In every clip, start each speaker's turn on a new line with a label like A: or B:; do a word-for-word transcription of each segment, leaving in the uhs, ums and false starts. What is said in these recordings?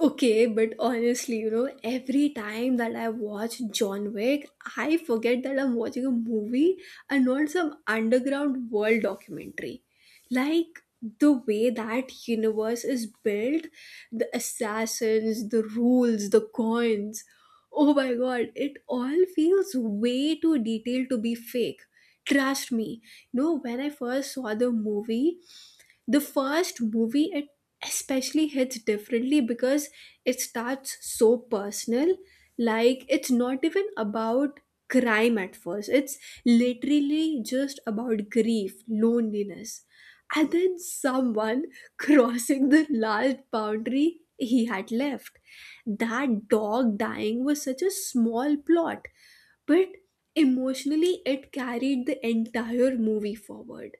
A: Okay, but honestly, you know, every time that I watch John Wick, I forget that I'm watching a movie and not some underground world documentary. Like the way that universe is built, the assassins, the rules, the coins. Oh my god, it all feels way too detailed to be fake. Trust me, you know, when I first saw the movie, the first movie it especially hits differently because it starts so personal, like it's not even about crime at first. It's literally just about grief, loneliness, and then someone crossing the last boundary he had left. That dog dying was such a small plot, but emotionally it carried the entire movie forward.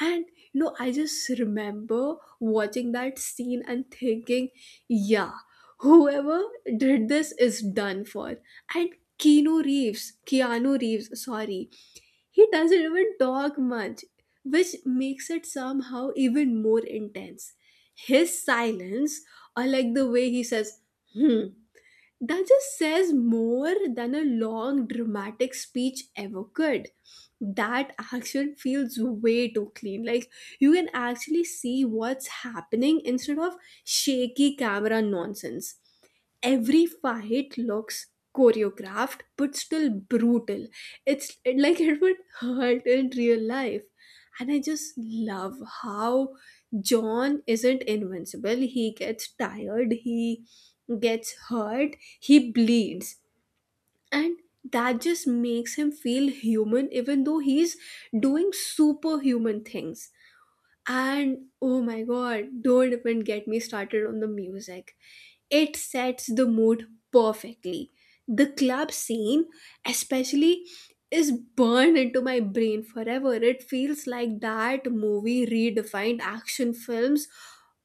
A: And you know, I just remember watching that scene and thinking, yeah, whoever did this is done for. And Keanu Reeves, Keanu Reeves, sorry, he doesn't even talk much, which makes it somehow even more intense. His silence, or like the way he says, hmm, that just says more than a long dramatic speech ever could. That action feels way too clean. Like you can actually see what's happening instead of shaky camera nonsense. Every fight looks choreographed but still brutal. It's like it would hurt in real life. And I just love how John isn't invincible. He gets tired, he gets hurt, he bleeds. And that just makes him feel human, even though he's doing superhuman things. And oh my god, don't even get me started on the music. It sets the mood perfectly. The club scene, especially, is burned into my brain forever. It feels like that movie redefined action films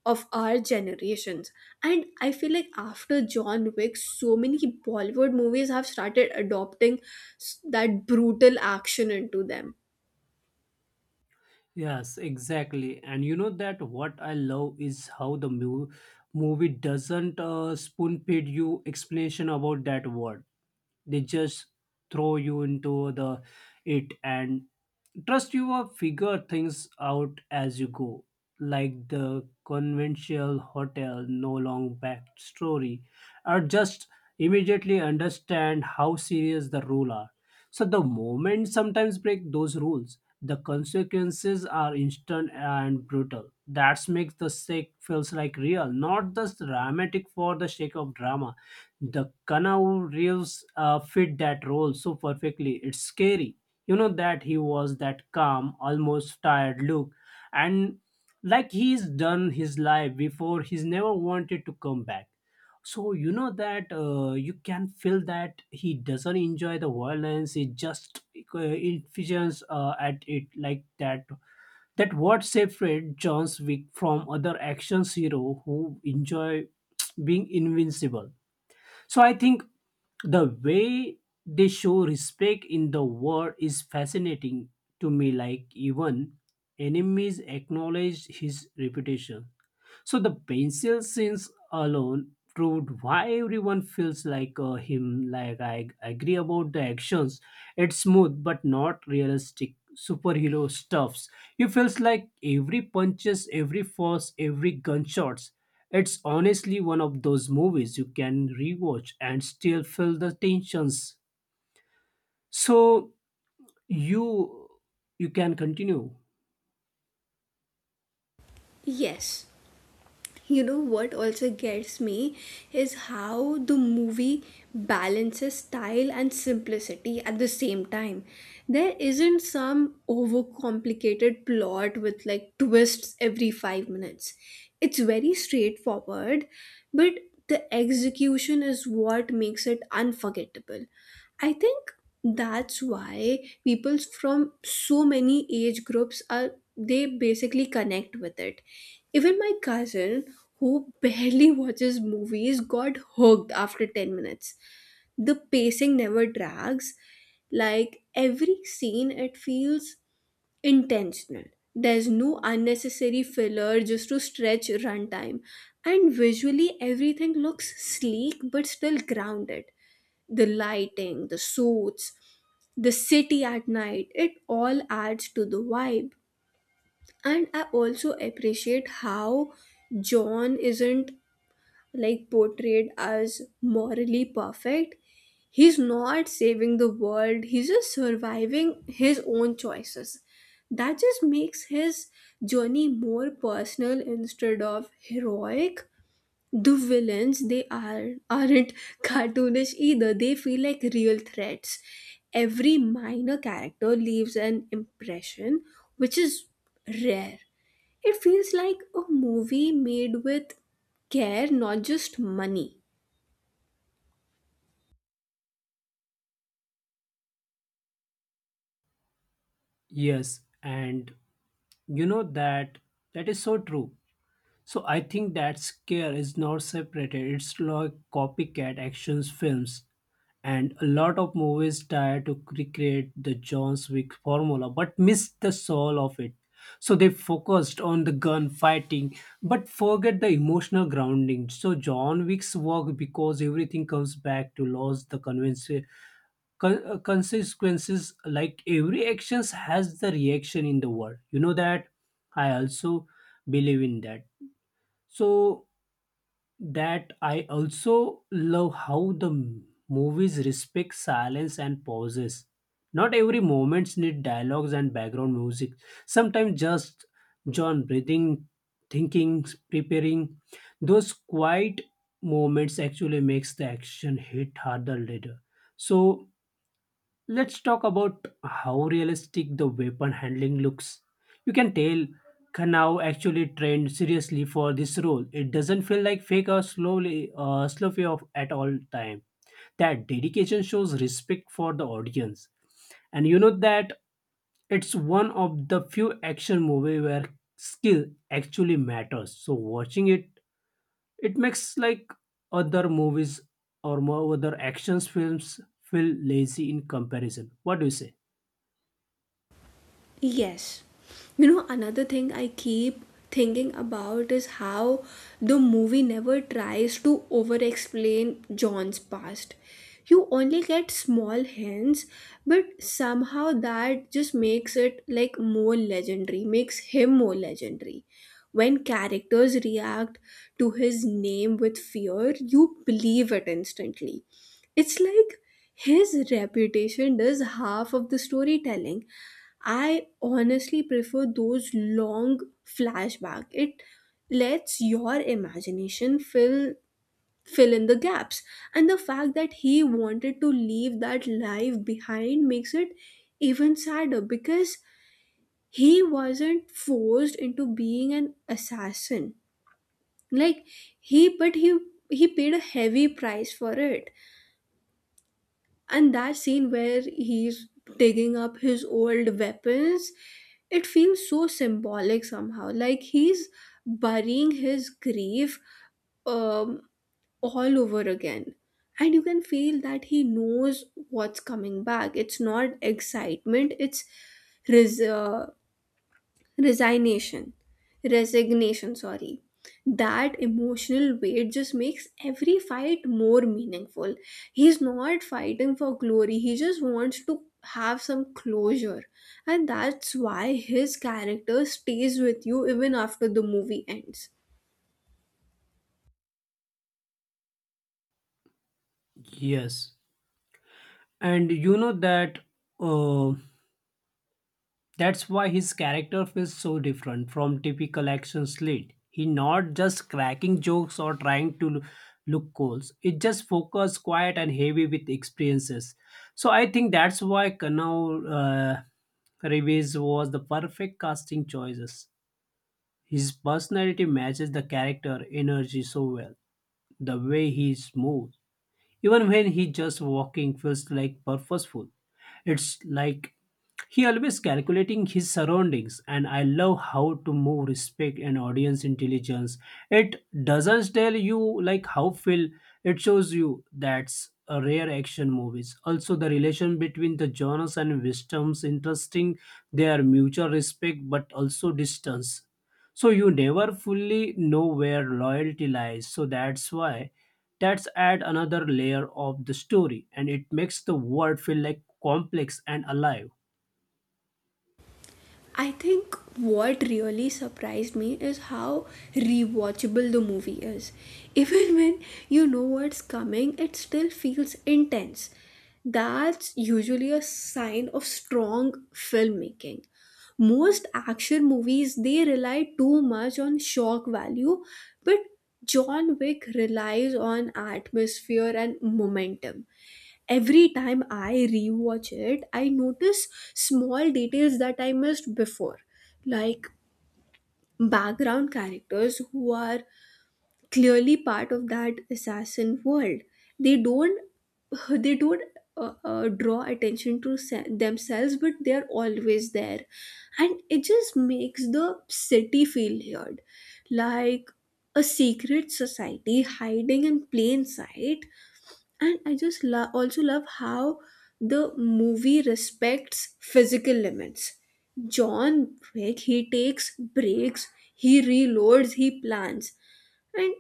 A: of our generations. And I feel like after John Wick, so many Bollywood movies have started adopting s- that brutal action into them.
B: Yes, exactly. And you know that what I love is how the mu- movie doesn't uh, spoon feed you explanation about that word. They just throw you into the it and trust you will figure things out as you go, like the conventional hotel, no long back story or just immediately understand how serious the rule are. So the moment sometimes break those rules, the consequences are instant and brutal. That makes the shake feels like real, not just dramatic for the sake of drama. The kanau reels uh, fit that role so perfectly, it's scary. You know that he was that calm, almost tired look, and like he's done his life before, he's never wanted to come back. So you know that uh, you can feel that he doesn't enjoy the violence, he just uh, envisions uh, at it like that. That what separate John's Wick from other action hero who enjoy being invincible. So I think the way they show respect in the war is fascinating to me, like even enemies acknowledge his reputation. So the pencil scenes alone proved why everyone feels like uh, him. Like I I agree about the actions. It's smooth but not realistic superhero stuffs. He feels like every punches, every force, every gunshots. It's honestly one of those movies you can rewatch and still feel the tensions. So you you can continue.
A: Yes, you know what also gets me is how the movie balances style and simplicity at the same time. There isn't some overcomplicated plot with like twists every 5 minutes. It's very straightforward, but the execution is what makes it unforgettable. I think that's why people from so many age groups are, they basically connect with it. Even my cousin, who barely watches movies, got hooked after 10 minutes. The pacing never drags. Like every scene, it feels intentional. There's no unnecessary filler just to stretch runtime, and visually everything looks sleek but still grounded. The lighting, the suits, the city at night, it all adds to the vibe. And I also appreciate how John isn't like portrayed as morally perfect. He's not saving the world, he's just surviving his own choices. That just makes his journey more personal instead of heroic. The villains, they are aren't cartoonish either, they feel like real threats. Every minor character leaves an impression, which is rare. It feels like a movie made with care, not just money.
B: Yes, and you know that that is so true. So I think that scare is not separated. It's like copycat actions films, and a lot of movies try to recreate the John Wick formula, but miss the soul of it. So they focused on the gun fighting, but forget the emotional grounding. So John Wick's work because everything comes back to laws, the convince con- uh, consequences. Like every actions has the reaction in the world. You know that. I also believe in that. So that I also love how the m- movies respect silence and pauses. Not every moments need dialogues and background music. Sometimes just John breathing, thinking, preparing. Those quiet moments actually makes the action hit harder later. So let's talk about how realistic the weapon handling looks. You can tell Kanao actually trained seriously for this role. It doesn't feel like fake or slowly uh, sloppy of at all time. That dedication shows respect for the audience. And you know that it's one of the few action movie where skill actually matters. So watching it, it makes like other movies or more other actions films feel lazy in comparison. What do you say?
A: Yes. You know, another thing I keep thinking about is how the movie never tries to over explain John's past. You only get small hints, but somehow that just makes it like more legendary, makes him more legendary. When characters react to his name with fear, you believe it instantly. It's like his reputation does half of the storytelling. I honestly prefer those long flashback. It lets your imagination fill fill in the gaps. And the fact that he wanted to leave that life behind makes it even sadder, because he wasn't forced into being an assassin. Like, he but he he paid a heavy price for it. And that scene where he's digging up his old weapons, it feels so symbolic somehow, like he's burying his grief um, all over again. And you can feel that he knows what's coming back. It's not excitement, it's res- uh, resignation resignation sorry That emotional weight just makes every fight more meaningful. He's not fighting for glory, he just wants to have some closure. And that's why his character stays with you even after the movie ends.
B: Yes, and you know that uh, that's why his character feels so different from typical action slate. He not just cracking jokes or trying to look cool. It just focus, quiet, and heavy with experiences. So I think that's why Kanau uh, Reeves was the perfect casting choices. His personality matches the character energy so well. The way he's is smooth, even when he just walking feels like purposeful. It's like he always calculating his surroundings, and I love how to move respect and audience intelligence. It doesn't tell you like how feel, it shows you. That's a rare action movies. Also the relation between the genres and wisdoms interesting, their mutual respect but also distance, so you never fully know where loyalty lies. So that's why that's add another layer of the story, and it makes the world feel like complex and alive.
A: I think what really surprised me is how rewatchable the movie is. Even when you know what's coming, it still feels intense. That's usually a sign of strong filmmaking. Most action movies, they rely too much on shock value, but John Wick relies on atmosphere and momentum. Every time I rewatch it, I notice small details that I missed before, like background characters who are clearly part of that assassin world. They don't they don't uh, uh, draw attention to se- themselves, but they are always there, and it just makes the city feel weird, like a secret society hiding in plain sight. And I just lo- also love how the movie respects physical limits. John Wick, he takes breaks, he reloads, he plans, and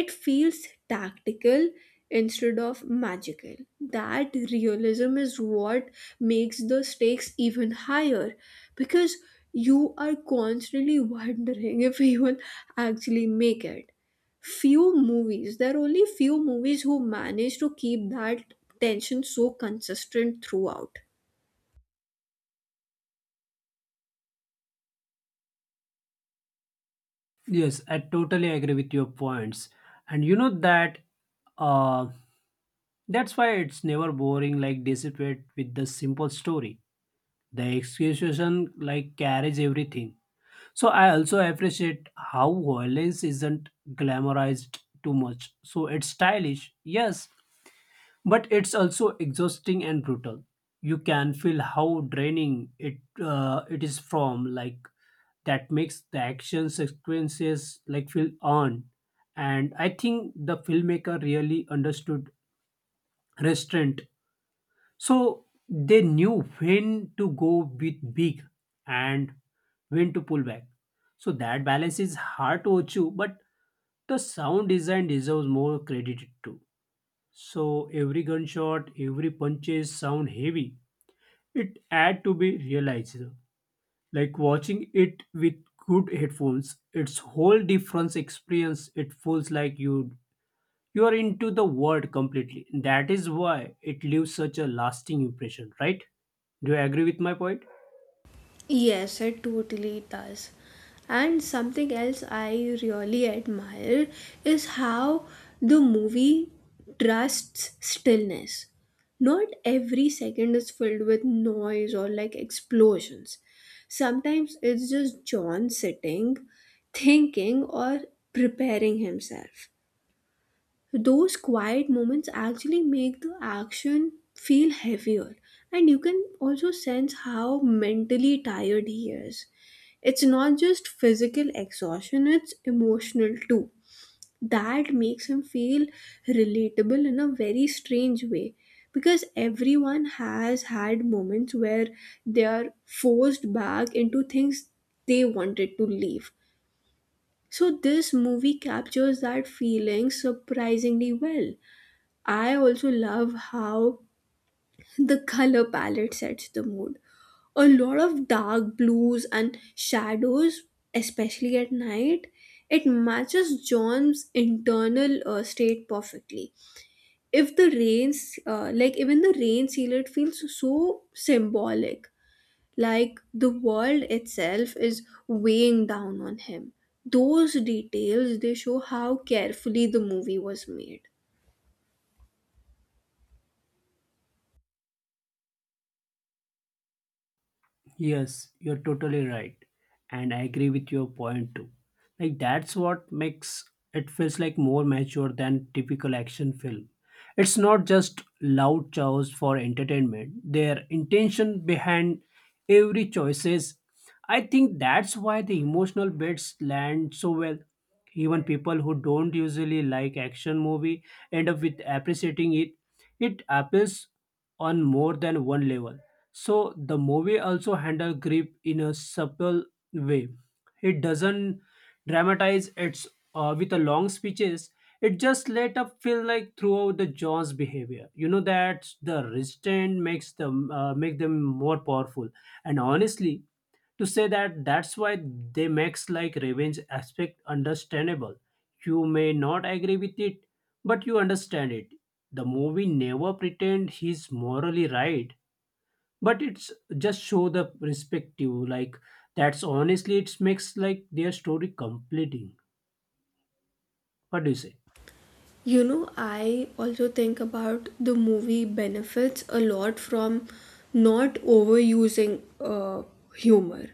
A: it feels tactical instead of magical. That realism is what makes the stakes even higher, because you are constantly wondering if you will actually make it. Few movies, there are only few movies who manage to keep that tension so consistent throughout.
B: Yes, I totally agree with your points. And you know that uh, that's why it's never boring like dissipate with the simple story. The execution like carries everything. So I also appreciate how violence isn't glamorized too much. So it's stylish, yes, but it's also exhausting and brutal. You can feel how draining it uh, it is from, like that makes the action sequences like feel on. And I think the filmmaker really understood restraint. So they knew when to go with big and when to pull back. So that balance is hard to achieve, but the sound design deserves more credit too. So every gunshot, every punches sound heavy. It had to be realized. Like watching it with good headphones, it's whole different experience. It feels like you you are into the world completely. That is why it leaves such a lasting impression, right? Do you agree with my point?
A: Yes, it totally does. And something else I really admire is how the movie trusts stillness. Not every second is filled with noise or like explosions. Sometimes it's just John sitting, thinking, or preparing himself. Those quiet moments actually make the action feel heavier, and you can also sense how mentally tired he is. It's not just physical exhaustion, it's emotional too. That makes him feel relatable in a very strange way, because everyone has had moments where they are forced back into things they wanted to leave. So, this movie captures that feeling surprisingly well. I also love how the color palette sets the mood. A lot of dark blues and shadows, especially at night, it matches John's internal uh, state perfectly. If the rains, uh, like even the rain, it feels so symbolic, like the world itself is weighing down on him. Those details, they show how carefully the movie was made.
B: Yes, you're totally right. And I agree with your point too. Like that's what makes it feels like more mature than typical action film. It's not just loud chows for entertainment. Their intention behind every choices. I think that's why the emotional bits land so well. Even people who don't usually like action movie end up with appreciating it. It appeals on more than one level. So the movie also handle grief in a subtle way. It doesn't dramatize its uh, with a long speeches. It just let up feel like throughout the Jaws' behavior. You know that the restraint makes them uh, make them more powerful. And honestly, to say that that's why they makes like revenge aspect understandable. You may not agree with it, but you understand it. The movie never pretend he's morally right, but it's just show the perspective. Like that's honestly, it makes like their story completing. What do you say?
A: You know, I also think about the movie benefits a lot from not overusing uh, humor.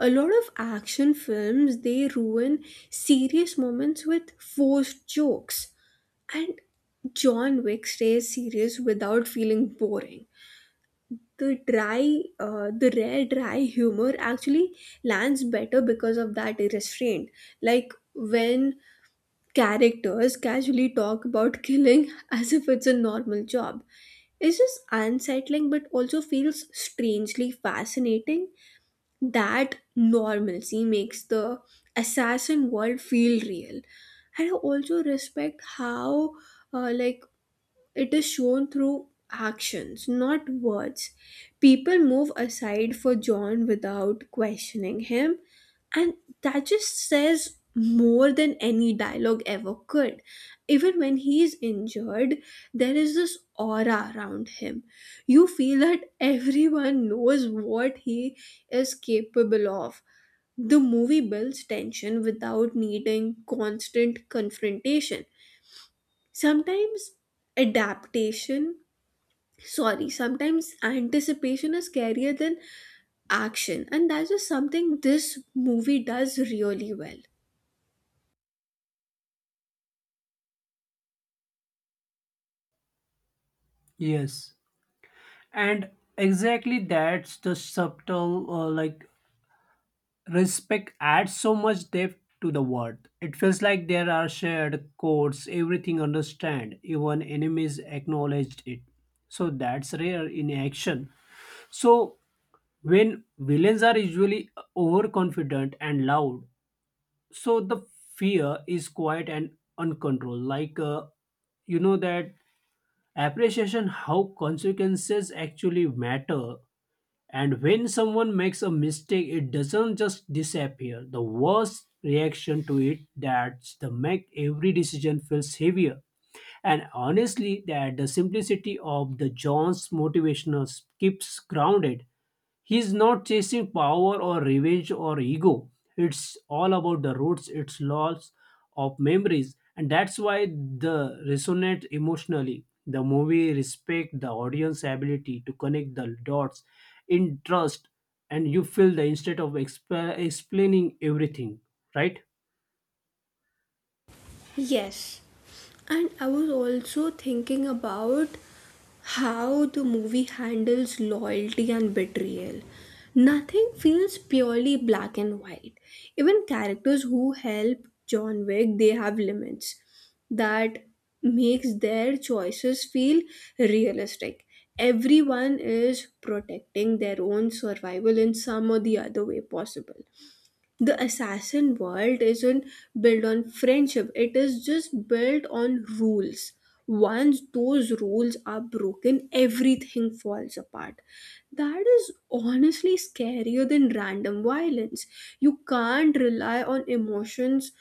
A: A lot of action films, they ruin serious moments with forced jokes, and John Wick stays serious without feeling boring. The dry, uh, the rare dry humor actually lands better because of that restraint. Like when characters casually talk about killing as if it's a normal job. It's just unsettling, but also feels strangely fascinating. That normalcy makes the assassin world feel real. And I also respect how, uh, like it is shown through actions, not words. People move aside for John without questioning him, and that just says more than any dialogue ever could. Even when he is injured, there is this aura around him. You feel that everyone knows what he is capable of. The movie builds tension without needing constant confrontation. Sometimes adaptation, sorry, sometimes anticipation is scarier than action, and that's just something this movie does really well.
B: Yes, and exactly that's the subtle uh, like respect adds so much depth to the word. It feels like there are shared codes everything understand, even enemies acknowledged it. So that's rare in action. So when villains are usually overconfident and loud, so the fear is quiet and uncontrolled, like uh, you know that appreciation how consequences actually matter. And when someone makes a mistake, it doesn't just disappear. The worst reaction to it, that's the make every decision feels heavier. And honestly, that the simplicity of the John's motivational keeps grounded. He's not chasing power or revenge or ego. It's all about the roots, its loss of memories, and that's why the resonate emotionally. The movie respect the audience ability to connect the dots in trust, and you feel the instead of exp- explaining everything, right?
A: Yes, and I was also thinking about how the movie handles loyalty and betrayal. Nothing feels purely black and white. Even characters who help John Wick, they have limits. That makes their choices feel realistic. Everyone is protecting their own survival in some or the other way possible. The assassin world isn't built on friendship, it is just built on rules. Once those rules are broken, everything falls apart. That is honestly scarier than random violence. You can't rely on emotions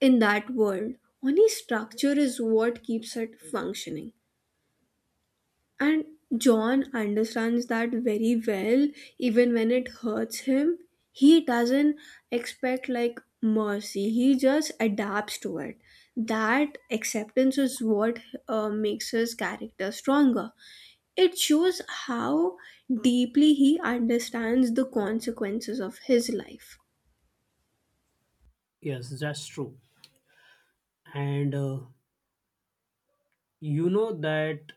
A: in that world, only structure is what keeps it functioning. And John understands that very well, even when it hurts him. He doesn't expect like mercy, he just adapts to it. That acceptance is what, uh, makes his character stronger. It shows how deeply he understands the consequences of his life.
B: Yes, that's true. And uh, you know that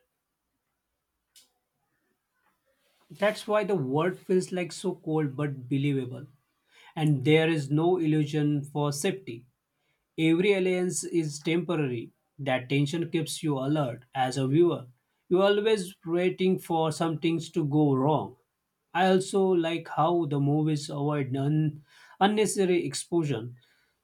B: that's why the world feels like so cold but believable. And there is no illusion for safety. Every alliance is temporary. That tension keeps you alert as a viewer. You're always waiting for some things to go wrong. I also like how the movies avoid un- unnecessary exposure.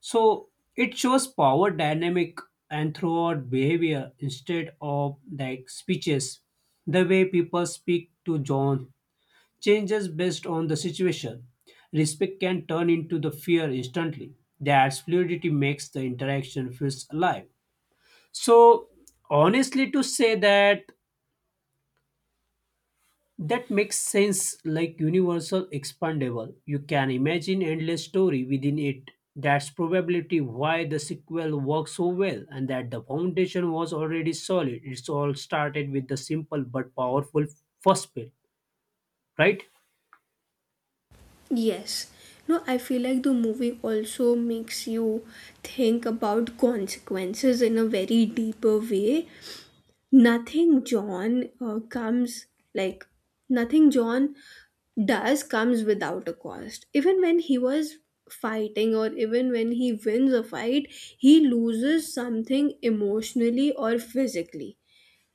B: So it shows power dynamic and throughout behavior instead of like speeches. The way people speak to John changes based on the situation. Respect can turn into the fear instantly. That fluidity makes the interaction feels alive. So honestly to say that that makes sense like universal expandable. You can imagine endless story within it. That's probability why the sequel works so well, and that the foundation was already solid. It's all started with the simple but powerful first bit, right?
A: Yes. No, I feel like the movie also makes you think about consequences in a very deeper way. Nothing john uh, comes like nothing John does comes without a cost. Even when he was fighting, or even when he wins a fight, he loses something emotionally or physically.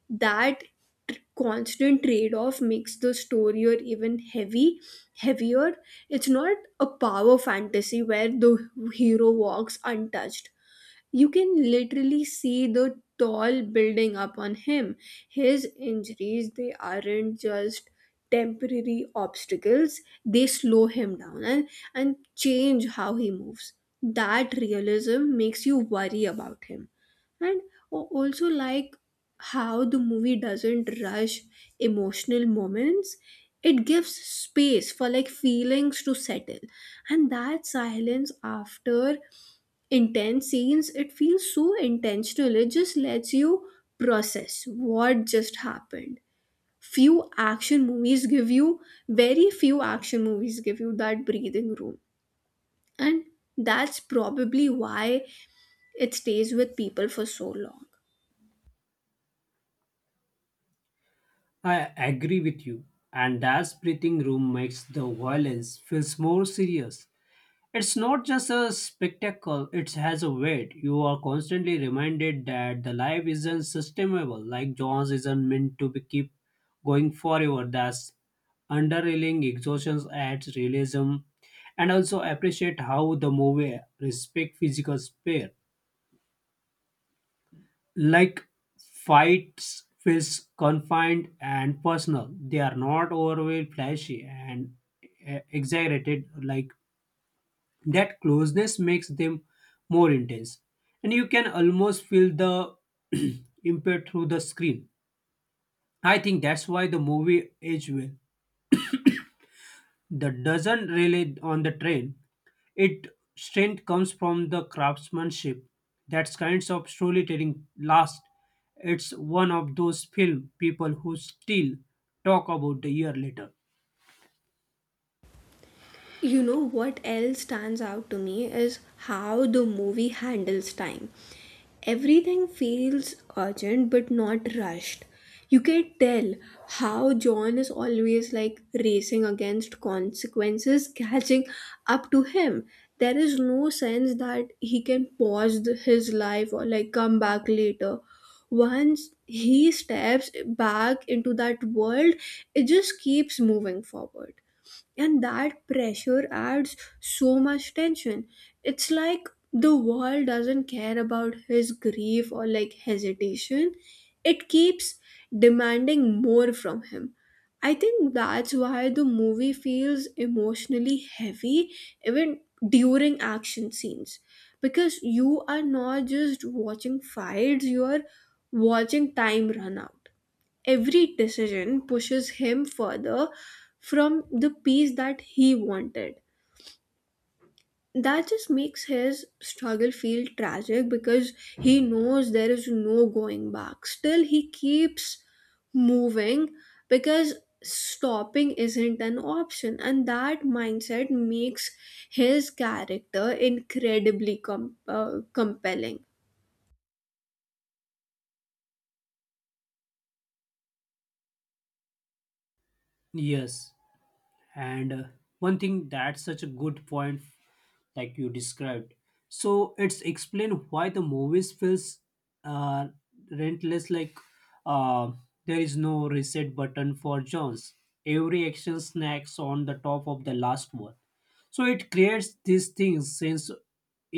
A: That tr- constant trade-off makes the story or even heavy heavier It's not a power fantasy where the hero walks untouched. You can literally see the toll building up on him. His injuries, they aren't just temporary obstacles, they slow him down, and, and change how he moves. That realism makes you worry about him. And o- also, like, how the movie doesn't rush emotional moments, it gives space for like feelings to settle. And that silence after intense scenes, it feels so intentional. It just lets you process what just happened. Few action movies give you, very few action movies give you that breathing room. And that's probably why it stays with people for so long.
B: I agree with you, and that's breathing room makes the violence feels more serious. It's not just a spectacle, it has a weight. You are constantly reminded that the life isn't sustainable, like John's isn't meant to be keep going forever. That's underlying exhaustion adds realism. And also appreciate how the movie respect physical space, like fights feels confined and personal, they are not overweight flashy and uh, exaggerated. Like that closeness makes them more intense, and you can almost feel the impact through the screen. I think that's why the movie age well, that doesn't rely on the trend. It strength comes from the craftsmanship. That kinds of storytelling last. It's one of those film people who still talk about a year later.
A: You know what else stands out to me is how the movie handles time. Everything feels urgent but not rushed. You can tell how John is always like racing against consequences catching up to him. There is no sense that he can pause the, his life or like come back later. Once he steps back into that world, it just keeps moving forward, and that pressure adds so much tension. It's like the world doesn't care about his grief or like hesitation. It keeps demanding more from him. I think that's why the movie feels emotionally heavy, even during action scenes, because you are not just watching fights, you are watching time run out. Every decision pushes him further from the peace that he wanted. That just makes his struggle feel tragic, because he knows there is no going back. Still, he keeps moving, because stopping isn't an option, and that mindset makes his character incredibly com- uh, compelling.
B: Yes, and uh, one thing that's such a good point, like you described. So it's explain why the movies feels uh, rentless, like uh, there is no reset button for Jones. Every action snacks on the top of the last one. So it creates these things sense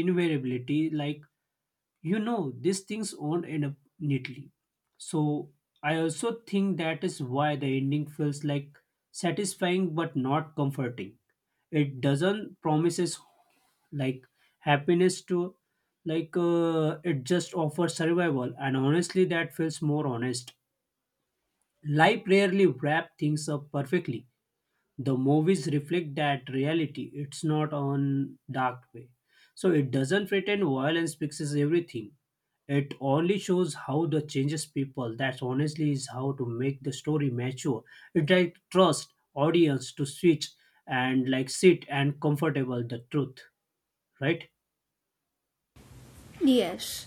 B: invariability, like you know these things won't end up neatly. So I also think that is why the ending feels like satisfying but not comforting. It doesn't promises like happiness to like uh, it just offers survival, and honestly that feels more honest. Life rarely wrap things up perfectly. The movies reflect that reality, it's not on dark way. So it doesn't pretend violence fixes everything, it only shows how the changes people. That honestly is how to make the story mature. It like trust audience to switch and like sit and comfortable the truth, right?
A: Yes.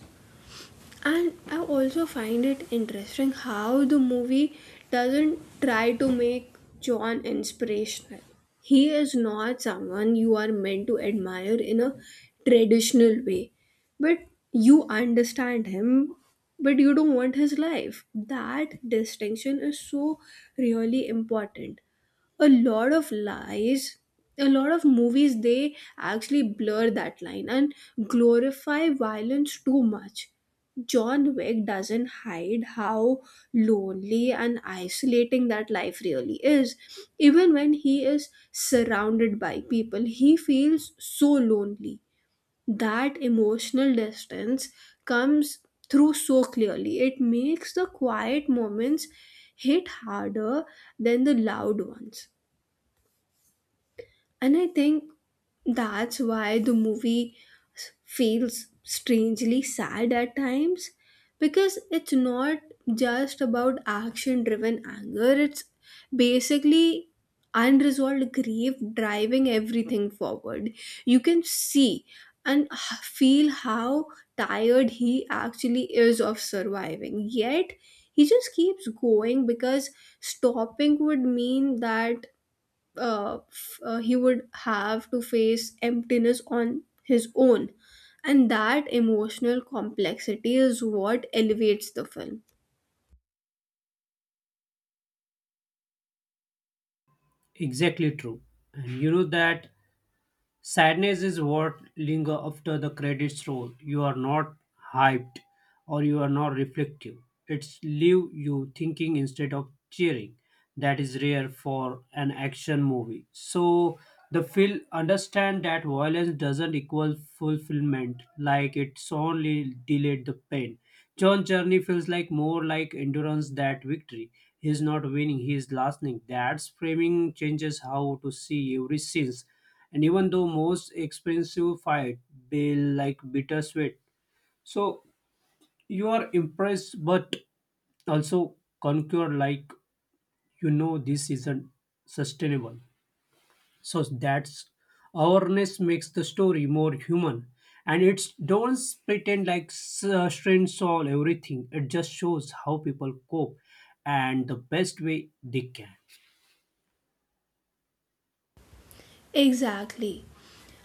A: And I also find it interesting how the movie doesn't try to make John inspirational. He is not someone you are meant to admire in a traditional way, but you understand him. But you don't want his life. That distinction is so really important. A lot of lies a lot of movies, they actually blur that line and glorify violence too much. John Wick doesn't hide how lonely and isolating that life really is. Even when he is surrounded by people, he feels so lonely. That emotional distance comes through so clearly. It makes the quiet moments hit harder than the loud ones. And I think that's why the movie s- feels strangely sad at times, because it's not just about action driven anger, it's basically unresolved grief driving everything forward. You can see and h- feel how tired he actually is of surviving, yet he just keeps going, because stopping would mean that, uh, f- uh, he would have to face emptiness on his own, and that emotional complexity is what elevates the film.
B: Exactly true. And you know that sadness is what linger after the credits roll. You are not hyped or you are not reflective. It's leave you thinking instead of cheering. That is rare for an action movie. So the film understand that violence doesn't equal fulfillment, like it's only delayed the pain. John's journey feels like more like endurance that victory. He's not winning, he is lasting. That's framing changes how to see every scenes, and even though most expensive fight be like bittersweet. So you are impressed but also concur, like you know this isn't sustainable. So that's awareness makes the story more human, and it's don't pretend like s- uh, strengths solve everything. It just shows how people cope and the best way they can.
A: Exactly.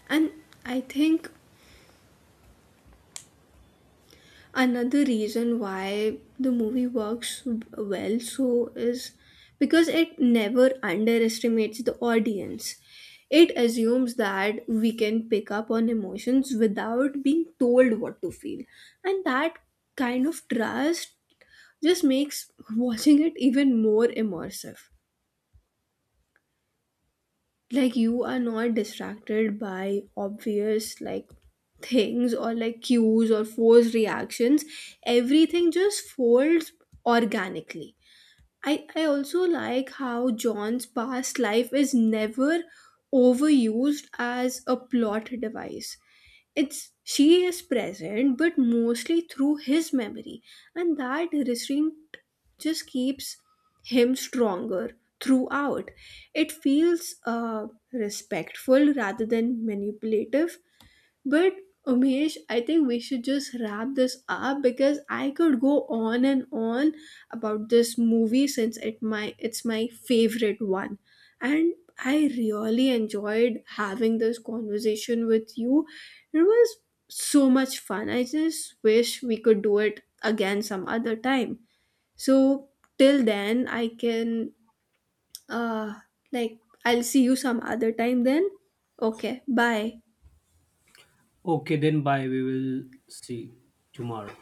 A: And I think another reason why the movie works well so is because it never underestimates the audience. It assumes that we can pick up on emotions without being told what to feel, and that kind of trust just makes watching it even more immersive. Like, you are not distracted by obvious like things or like cues or forced reactions. Everything just folds organically. I, I also like how John's past life is never overused as a plot device. It's she is present, but mostly through his memory, and that restraint just keeps him stronger throughout. It feels, uh, respectful rather than manipulative. But Umesh, I think we should just wrap this up, because I could go on and on about this movie, since it my it's my favorite one. And I really enjoyed having this conversation with you. It was so much fun. I just wish we could do it again some other time. So till then I can, uh like I'll see you some other time then. Okay, bye.
B: Okay, then bye, we will see tomorrow.